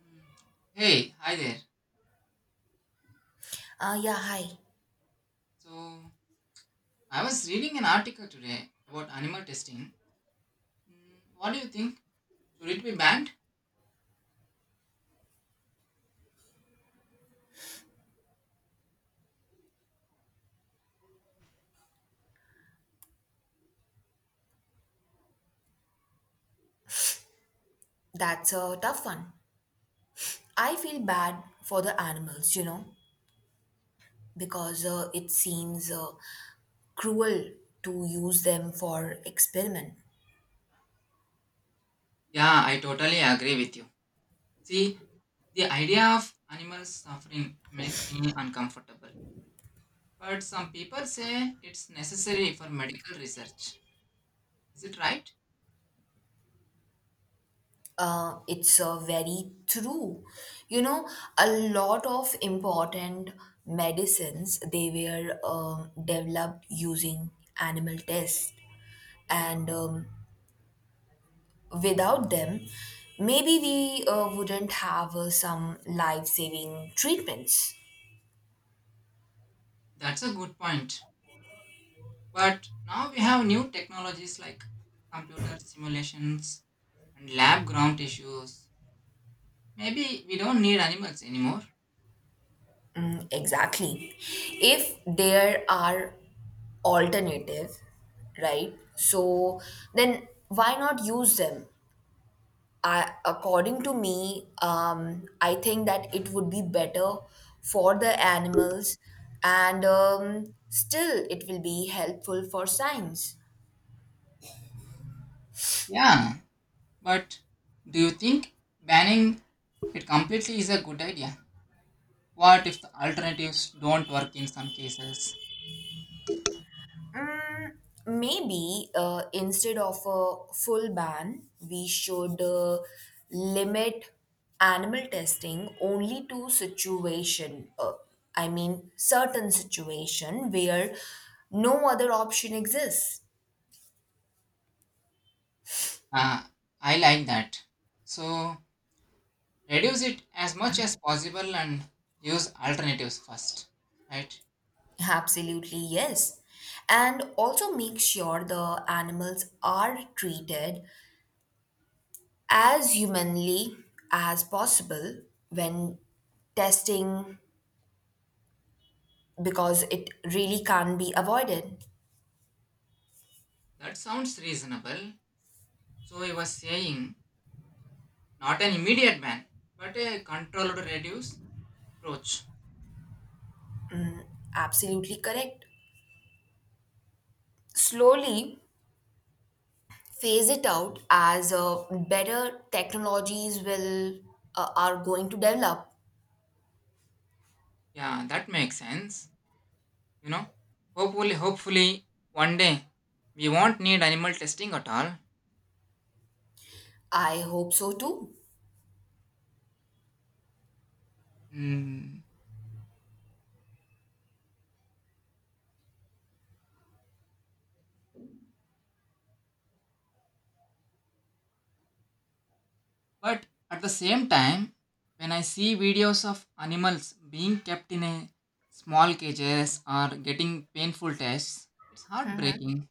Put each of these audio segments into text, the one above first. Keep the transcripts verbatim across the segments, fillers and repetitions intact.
Mm. Hey, hi there. Uh, yeah, hi. So, I was reading an article today about animal testing. Mm, What do you think? Should it be banned? That's a tough one. I feel bad for the animals, you know, because uh, it seems uh, cruel to use them for experiment. Yeah, I totally agree with you. See, the idea of animals suffering makes me uncomfortable. But some people say it's necessary for medical research. Is it right? Uh, it's uh, very true. You know, a lot of important medicines they were um, developed using animal tests, and um, without them, maybe we uh, wouldn't have uh, some life-saving treatments. That's a good point. But now we have new technologies like computer simulations and lab ground tissues. Maybe we don't need animals anymore. Exactly. If there are alternative, right? So then why not use them? I, according to me, um, I think that it would be better for the animals, and um, still it will be helpful for science. Yeah, but do you think banning it completely is a good idea? What if the alternatives don't work in some cases? Maybe uh, instead of a full ban, we should uh, limit animal testing only to situation. Uh, I mean, certain situation where no other option exists. Ah, I like that. So reduce it as much as possible and use alternatives first, right? Absolutely yes, and also make sure the animals are treated as humanly as possible when testing because it really can't be avoided. That sounds reasonable. So I was saying not an immediate ban, but a controlled reduce approach. Absolutely correct. Slowly phase it out as uh, better technologies will uh, are going to develop. Yeah, that makes sense. You know, hopefully, hopefully, one day we won't need animal testing at all. I hope so too. Hmm. But at the same time, when I see videos of animals being kept in a small cages or getting painful tests, it's heartbreaking.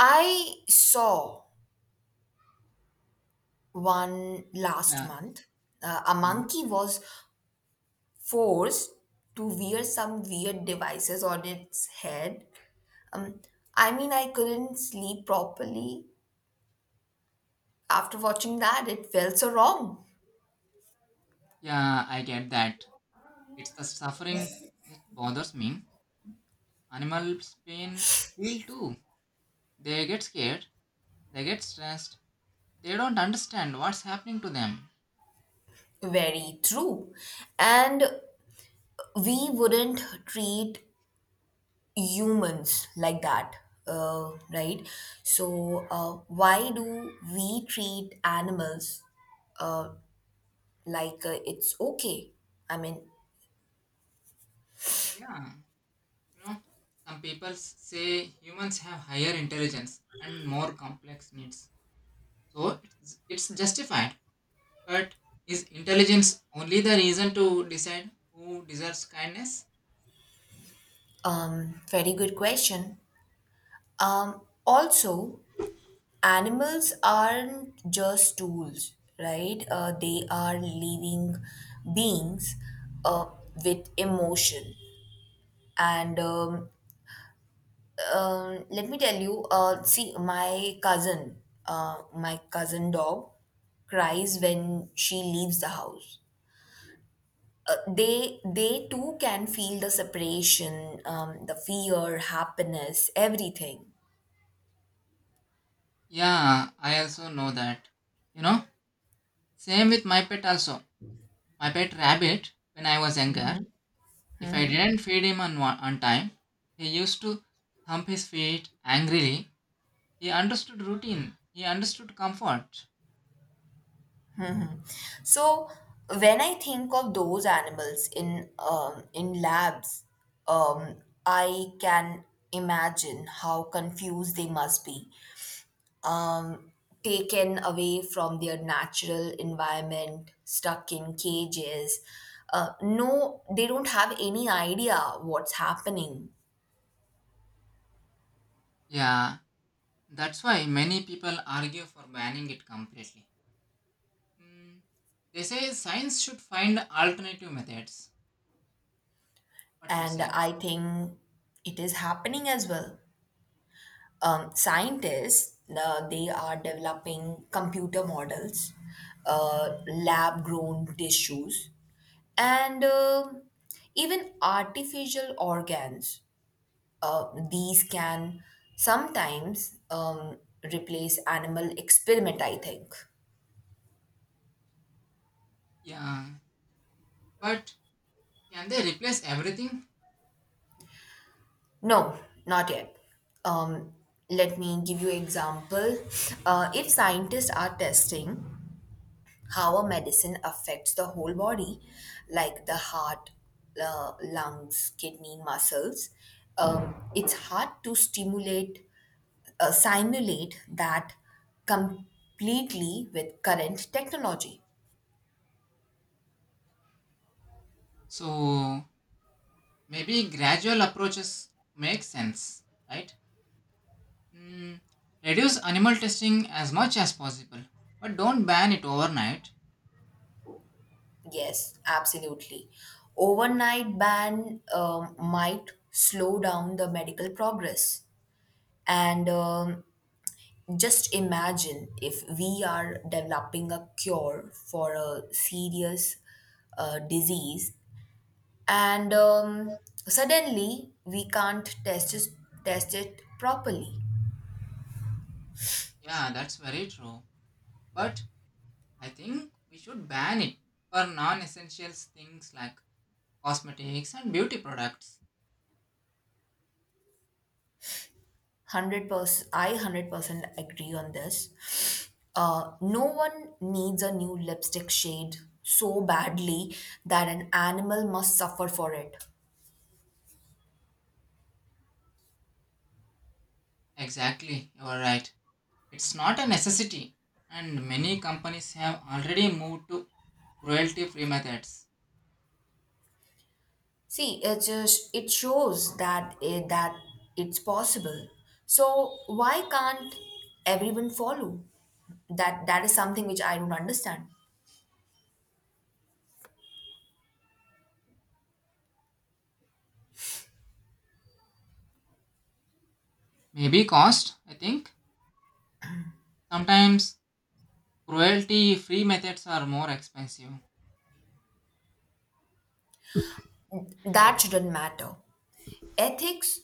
I saw one last Yeah, month. Uh, a yeah, monkey was forced to wear some weird devices on its head. Um, I mean, I couldn't sleep properly after watching that. It felt so wrong. yeah, I get that. It's the suffering that bothers me. Animals pain feel too. They get scared. They get stressed. They don't understand what's happening to them. Very true. And we wouldn't treat humans like that, uh, right, so uh, why do we treat animals uh, like uh, it's okay, i mean Yeah, you know, some people say humans have higher intelligence and more complex needs. So it's, it's justified. But is intelligence only the reason to decide who deserves kindness? um, Very good question. um, Also, animals aren't just tools, right? Uh, they are living beings uh, with emotion and um, Um, let me tell you. Uh, see, my cousin, uh, my cousin dog cries when she leaves the house. Uh, they they too can feel the separation, um, the fear, happiness, everything. Yeah, I also know that. You know, same with my pet also. My pet rabbit, when I was younger, if I didn't feed him on, wa- on time, he used to thump his feet angrily. He understood routine, he understood comfort. So when I think of those animals in um, in labs, um, I can imagine how confused they must be, um, taken away from their natural environment, stuck in cages. Uh, no, they don't have any idea what's happening. Yeah, that's why many people argue for banning it completely. Mm, they say science should find alternative methods. What you And say? I think it is happening as well. Um, scientists, uh, they are developing computer models, uh, lab grown tissues, and um even artificial organs. Uh, these can sometimes um, replace animal experiment, i think Yeah, but can they replace everything? No, not yet. um, Let me give you example. Uh, if scientists are testing how a medicine affects the whole body, like the heart, uh, lungs, kidney, muscles, um, it's hard to stimulate uh, simulate that completely with current technology. So maybe gradual approaches make sense, right? Mm, reduce animal testing as much as possible, but don't ban it overnight. Yes, absolutely. Overnight ban um, might slow down the medical progress. And um, just imagine if we are developing a cure for a serious uh, disease, and um, suddenly we can't test it, test it properly. Yeah, that's very true. But I think we should ban it for non-essential things like cosmetics and beauty products. Hundred percent, I hundred percent agree on this. Uh, no one needs a new lipstick shade so badly that an animal must suffer for it. Exactly, you are right. It's not a necessity, and many companies have already moved to cruelty-free methods. See, it just it shows that it, that it's possible. So why can't everyone follow? That that is something which I don't understand. Maybe cost, I think. Sometimes cruelty free methods are more expensive. That shouldn't matter. Ethics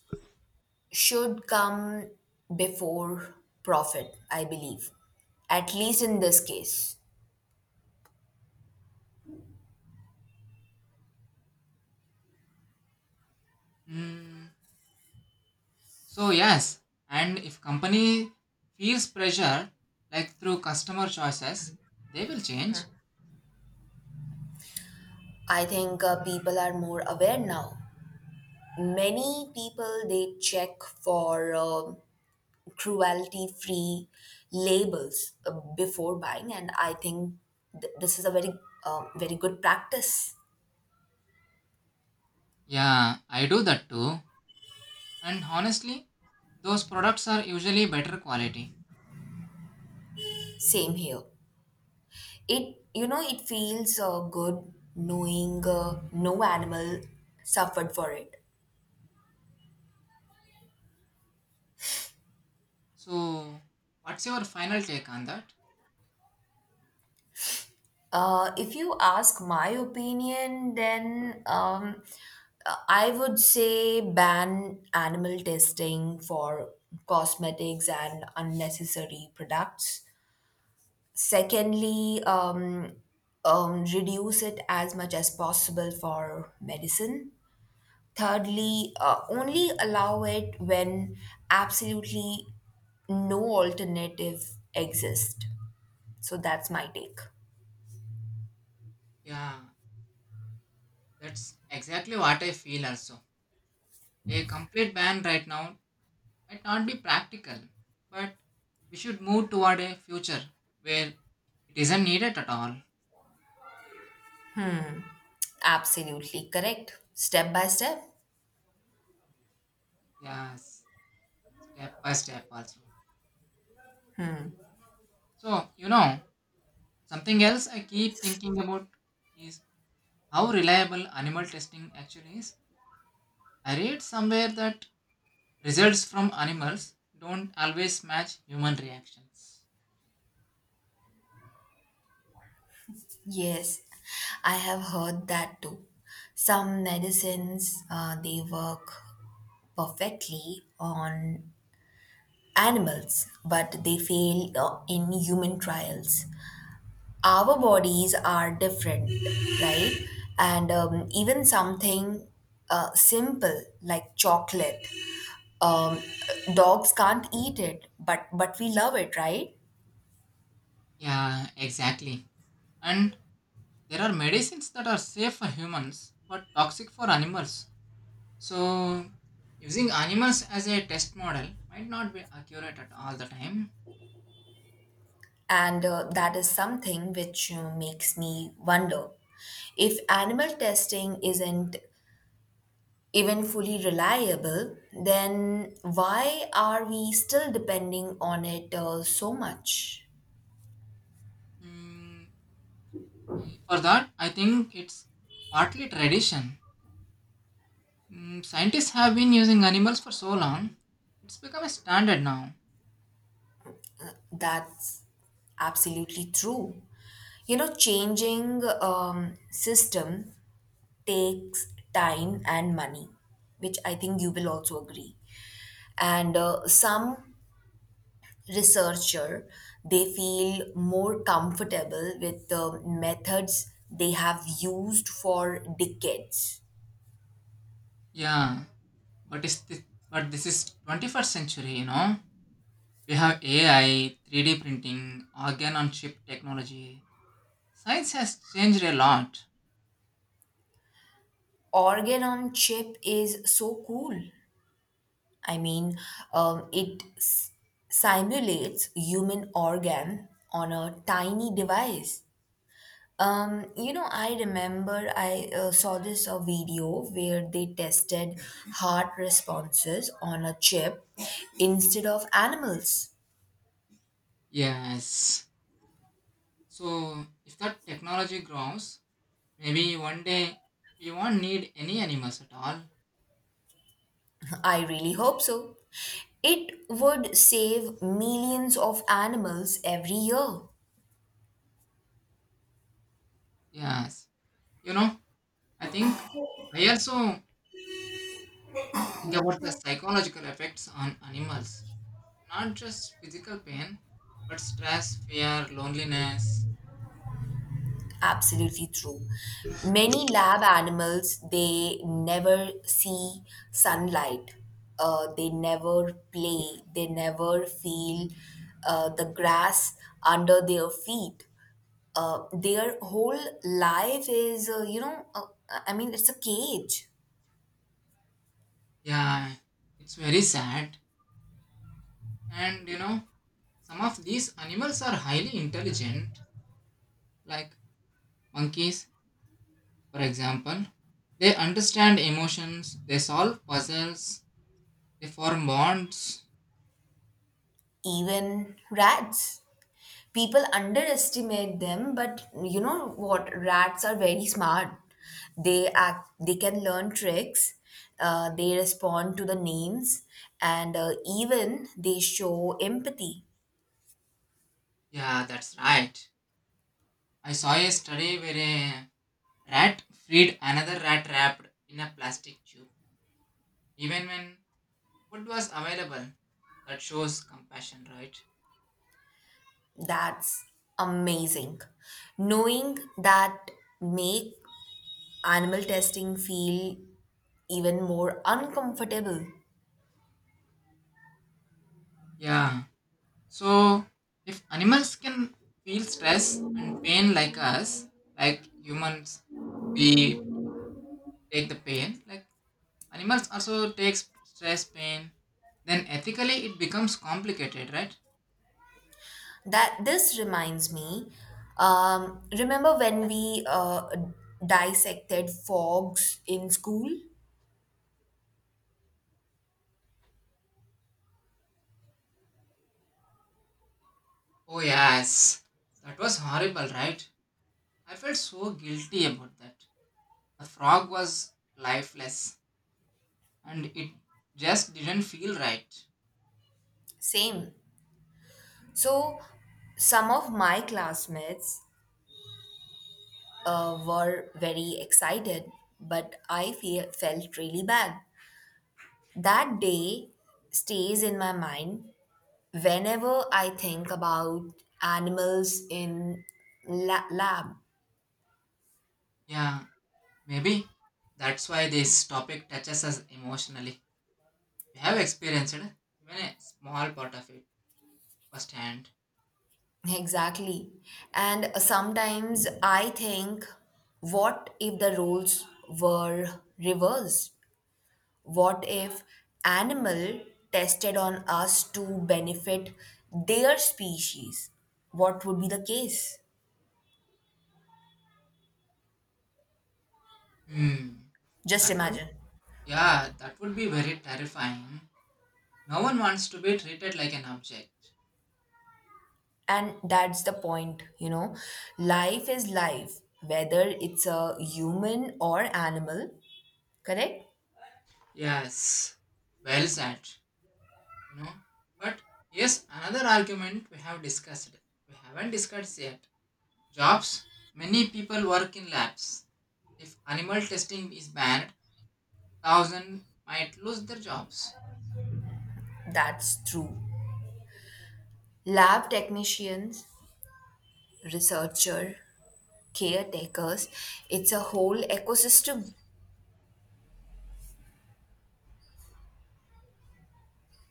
should come before profit, I believe. At least in this case. Hmm. So, yes, and if company feels pressure, like through customer choices, they will change. I think uh, people are more aware now. Many people they check for um cruelty free labels uh, before buying, and I think th- this is a very um very good practice. Yeah, I do that too. And honestly, those products are usually better quality. Same here. It you know it feels uh, good knowing uh, no animal suffered for it. So, what's your final take on that? Uh, if you ask my opinion, then um, Uh, I would say ban animal testing for cosmetics and unnecessary products. Secondly, um, um, reduce it as much as possible for medicine. Thirdly, uh, only allow it when absolutely no alternative exists. So that's my take. Yeah, that's exactly what I feel also. A complete ban right now might not be practical, but we should move toward a future where it isn't needed at all. Absolutely correct. Step by step. Yes, step by step also. So, you know, something else I keep thinking about is how reliable animal testing actually is. I read somewhere that results from animals don't always match human reactions. Yes, I have heard that too. Some medicines uh, they work perfectly on animals, but they fail uh, in human trials. Our bodies are different, right? And um, even something uh, simple like chocolate, um, dogs can't eat it, but but we love it, right? Yeah, exactly. And there are medicines that are safe for humans but toxic for animals. So, using animals as a test model might not be accurate at all the time. And uh, that is something which uh, makes me wonder if animal testing isn't even fully reliable, then why are we still depending on it uh, so much? Mm, I- for that, I think it's partly tradition. Mm, scientists have been using animals for so long, it's become a standard now. That's absolutely true. You know, changing um, system takes time and money, which I think you will also agree. And uh, some researcher, they feel more comfortable with the methods they have used for decades. Yeah, but it's thi- but this is twenty-first century, you know. We have A I, three D printing, organ on chip technology. Science has changed a lot. Organ on chip is so cool. I mean, um, it s- simulates human organ on a tiny device. Um, you know, I remember I uh, saw this a video where they tested heart responses on a chip instead of animals. Yes. So if that technology grows, maybe one day we won't need any animals at all. I really hope so. It would save millions of animals every year. Yes. You know, I think I also think about the psychological effects on animals. Not just physical pain, but stress, fear, loneliness. Absolutely true. Many lab animals, they never see sunlight. Uh, they never play. They never feel uh, the grass under their feet. Uh, their whole life is, uh, you know, uh, I mean, it's a cage. Yeah, it's very sad. And you know, some of these animals are highly intelligent, like monkeys, for example. They understand emotions, they solve puzzles, they form bonds. Even rats. People underestimate them, but you know what, rats are very smart. They act they can learn tricks. Uh, they respond to the names, and uh, even they show empathy. Yeah, that's right. I saw a study where a rat freed another rat wrapped in a plastic tube. Even when food was available. That shows compassion, right? That's amazing. Knowing that make animal testing feel even more uncomfortable. Yeah. So if animals can feel stress and pain like us, like humans, we take the pain. Like animals also takes stress, pain. Then ethically, it becomes complicated, right? That This reminds me, um, remember when we uh, dissected fogs in school. Oh yes, that was horrible, right? I felt so guilty about that. The frog was lifeless, and it just didn't feel right. Same. So some of my classmates uh, were very excited, but i feel, felt really bad. That day stays in my mind whenever I think about animals in la- lab. Yeah. Maybe that's why this topic touches us emotionally. We have experienced even a small part of it firsthand. Exactly. And sometimes I think, what if the roles were reversed? What if animal tested on us to benefit their species? What would be the case? Hmm. Just That would, imagine. yeah, that would be very terrifying. No one wants to be treated like an object. And that's the point, you know. Life is life, whether it's a human or animal, correct? Yes, well said. You know, but yes, another argument we have discussed. We haven't discussed yet. Jobs. Many people work in labs. If animal testing is banned, thousand might lose their jobs. That's true. Lab technicians, researcher, caretakers, it's a whole ecosystem.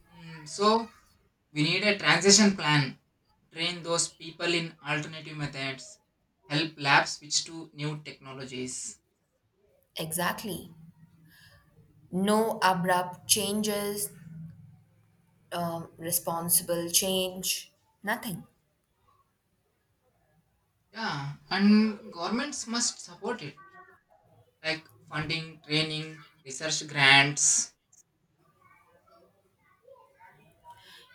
Mm, so we need a transition plan. Train those people in alternative methods. Help labs switch to new technologies. Exactly. No abrupt changes, um, responsible change, nothing. Yeah, and governments must support it, like funding, training, research grants.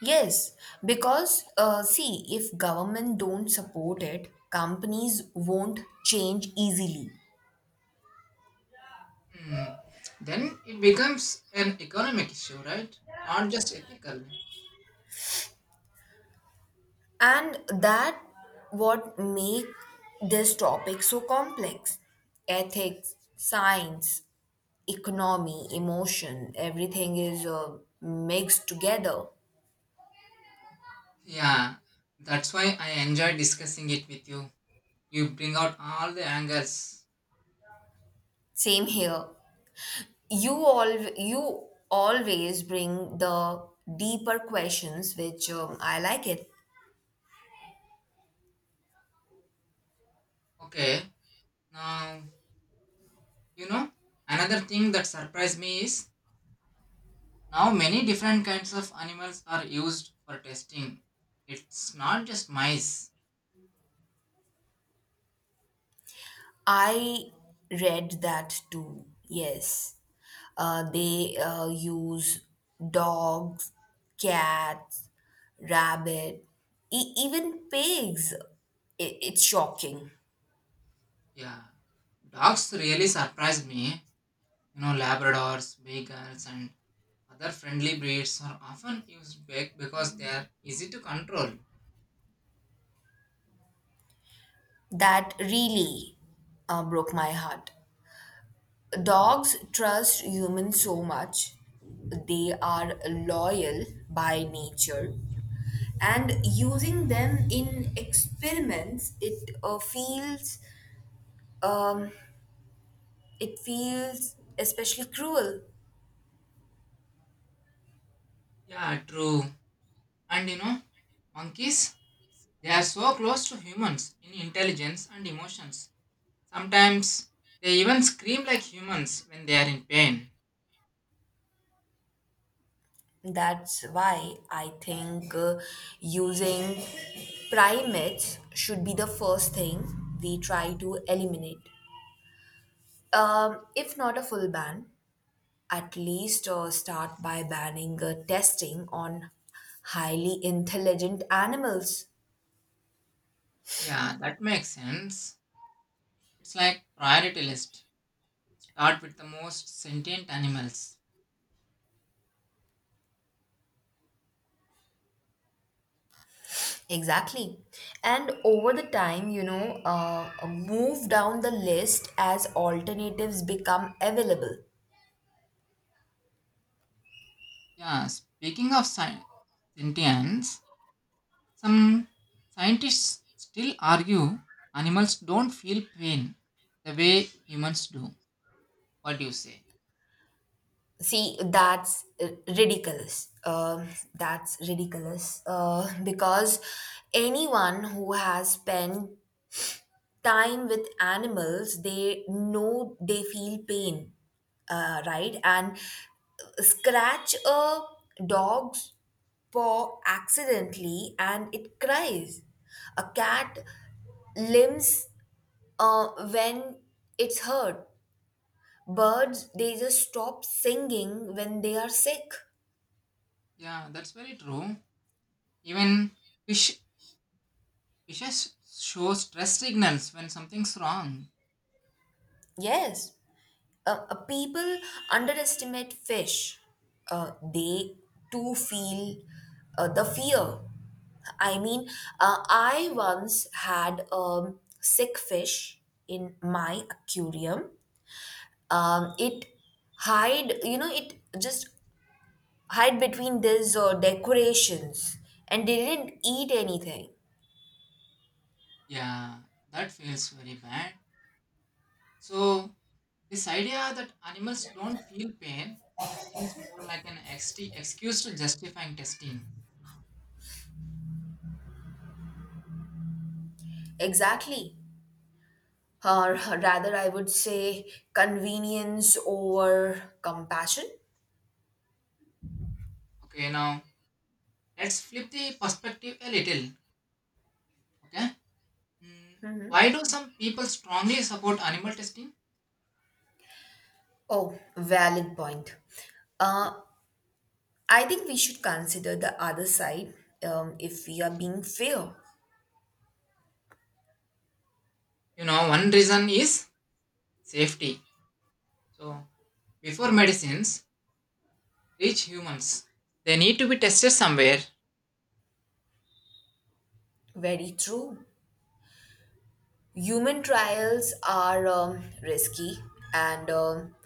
Yes, because uh, see, if government don't support it, companies won't change easily, Hmm. Then it becomes an economic issue, right? Not just ethical. and that what make this topic so complex. Ethics, science, economy, emotion, everything is uh, mixed together. Yeah, that's why I enjoy discussing it with you. You bring out all the angles. Same here. You all you always bring the deeper questions, which um, I like it. Okay, now you know, another thing that surprised me is now many different kinds of animals are used for testing. It's not just mice. I read that too. Yes, uh, they uh, use dogs, cats, rabbit, e- even pigs. I- it's shocking. Yeah. Dogs really surprised me. You know, Labradors, Beagles, and other friendly breeds are often used back because they are easy to control. That really uh, broke my heart. Dogs trust humans so much. They are loyal by nature. And using them in experiments, it uh, feels um, it feels especially cruel. Yeah, true. And you know, monkeys, they are so close to humans in intelligence and emotions. Sometimes they even scream like humans when they are in pain. That's why I think uh, using primates should be the first thing we try to eliminate, um, if not a full ban, at least uh, start by banning uh, testing on highly intelligent animals. Yeah, that makes sense. It's like priority list. Start with the most sentient animals. Exactly. And over the time, you know, uh, move down the list as alternatives become available. Yeah, speaking of sci- sentience, some scientists still argue animals don't feel pain the way humans do. What do you say? See, that's r- ridiculous. Um that's ridiculous uh, because anyone who has spent time with animals, they know they feel pain, uh, right? And scratch a dog's paw accidentally and it cries. A cat limps uh, when it's hurt. Birds, they just stop singing when they are sick. Yeah, that's very true. Even fish fishes show stress signals when something's wrong. Yes. Uh, uh, people underestimate fish. Uh, they too feel uh, the fear. I mean, uh, I once had a sick fish in my aquarium. Um, it hide, you know, it just hide between these uh, decorations and didn't eat anything. Yeah, that feels very bad. So this idea that animals don't feel pain seems more like an ext- excuse to justifying testing. Exactly. Or rather, I would say convenience over compassion. Okay, now let's flip the perspective a little. Okay, Mm, why do some people strongly support animal testing? Oh, valid point. Uh, I think we should consider the other side, um, if we are being fair. You know, one reason is safety. So, before medicines reach humans, they need to be tested somewhere. Very true. Human trials are um, risky, and um,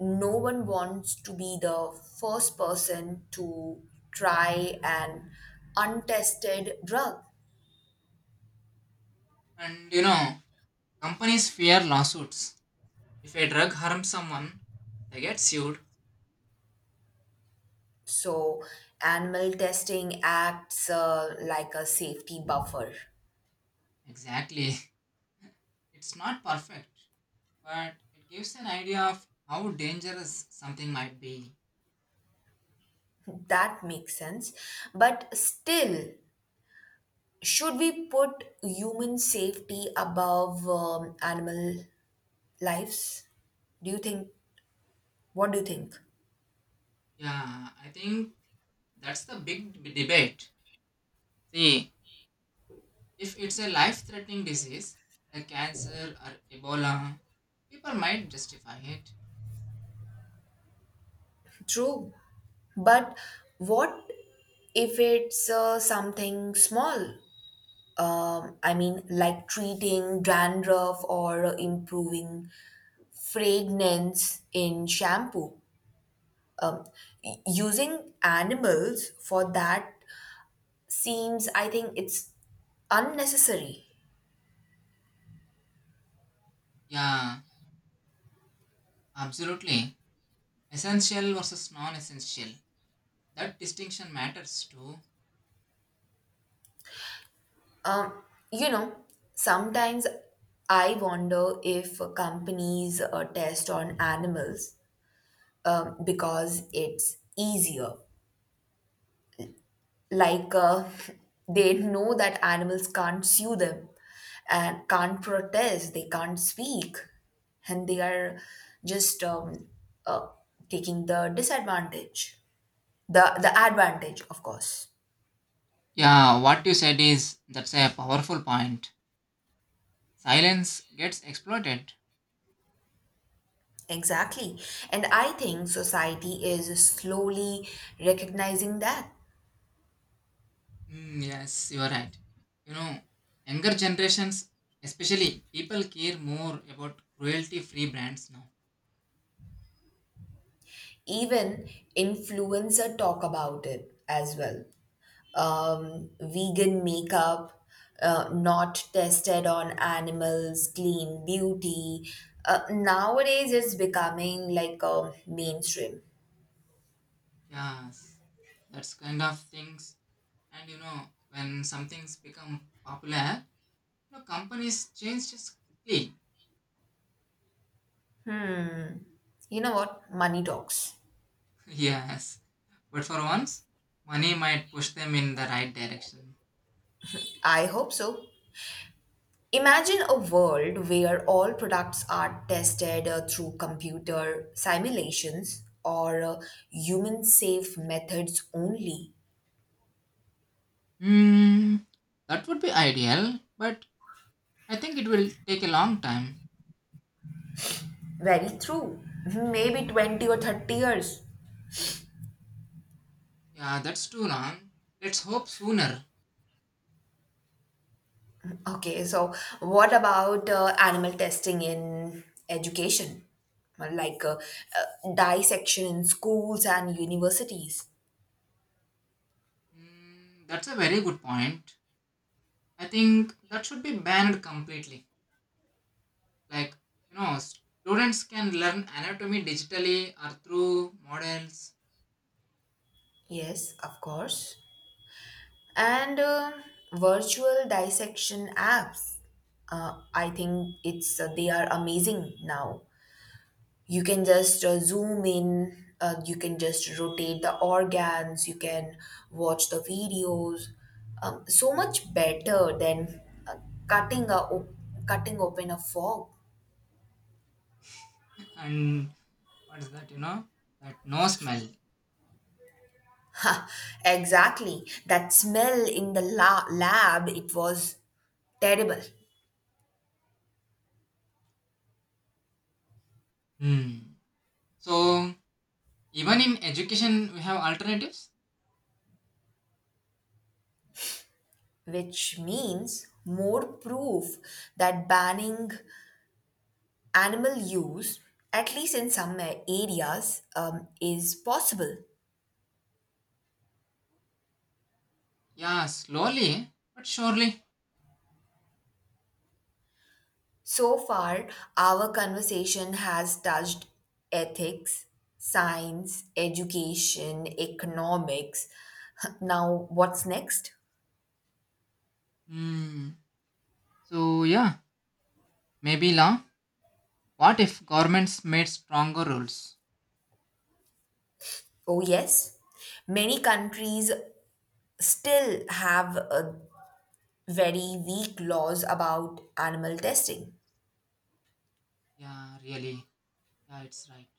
no one wants to be the first person to try an untested drug. And you know, companies fear lawsuits. If a drug harms someone, they get sued. So, animal testing acts uh, like a safety buffer. Exactly. It's not perfect but it gives an idea of how dangerous something might be. That makes sense. But still, should we put human safety above um, animal lives? Do you think? What do you think? Yeah, I think that's the big d- debate. See, if it's a life threatening disease, like cancer or Ebola, people might justify it. True, but what if it's uh, something small? Um, I mean, like treating dandruff or improving fragrance in shampoo. Um, y- Using animals for that seems, I think, it's unnecessary. Yeah, absolutely. Essential versus non essential. That distinction matters too. Um, you know, sometimes I wonder if companies uh, test on animals um, because it's easier, like uh, they know that animals can't sue them and can't protest, they can't speak, and they are just um, uh, taking the disadvantage, the the advantage of course. Yeah, what you said is that's a powerful point. Silence gets exploited. Exactly. And I think society is slowly recognizing that. Mm, yes, you are right. You know, younger generations, especially people care more about cruelty free brands now. Even influencer talk about it as well. Um, vegan makeup, uh, not tested on animals, clean beauty. Uh, nowadays, it's becoming like a mainstream. Yes, that's kind of things. And you know, when something's become popular, you know, companies change just quickly. You know what? Money talks. Yes, but for once, money might push them in the right direction. I hope so. Imagine a world where all products are tested uh, through computer simulations or uh, human safe methods only. Hmm, that would be ideal, but I think it will take a long time. Very true. Maybe twenty or thirty years. Yeah, that's too long. Let's hope sooner. Okay, so what about uh, animal testing in education? Like uh, uh, dissection in schools and universities? Mm, that's a very good point. I think that should be banned completely. Like, you know, students can learn anatomy digitally or through models. Yes, of course. And uh, virtual dissection apps. Uh, I think it's uh, they are amazing now. You can just uh, zoom in, uh, you can just rotate the organs, you can watch the videos, um, so much better than uh, cutting a op- cutting open a fog. And what is that, you know, that no smell. Ha, exactly, that smell in the la- lab, it was terrible. Hmm. So, even in education, we have alternatives. Which means more proof that banning animal use at least in some areas um, is possible. Yeah, slowly but surely. So far, our conversation has touched ethics, science, education, economics. Now, what's next? Hmm. So, yeah, maybe law. What if governments made stronger rules? Oh, yes, many countries still have uh, very weak laws about animal testing. Yeah, really. Yeah, it's right.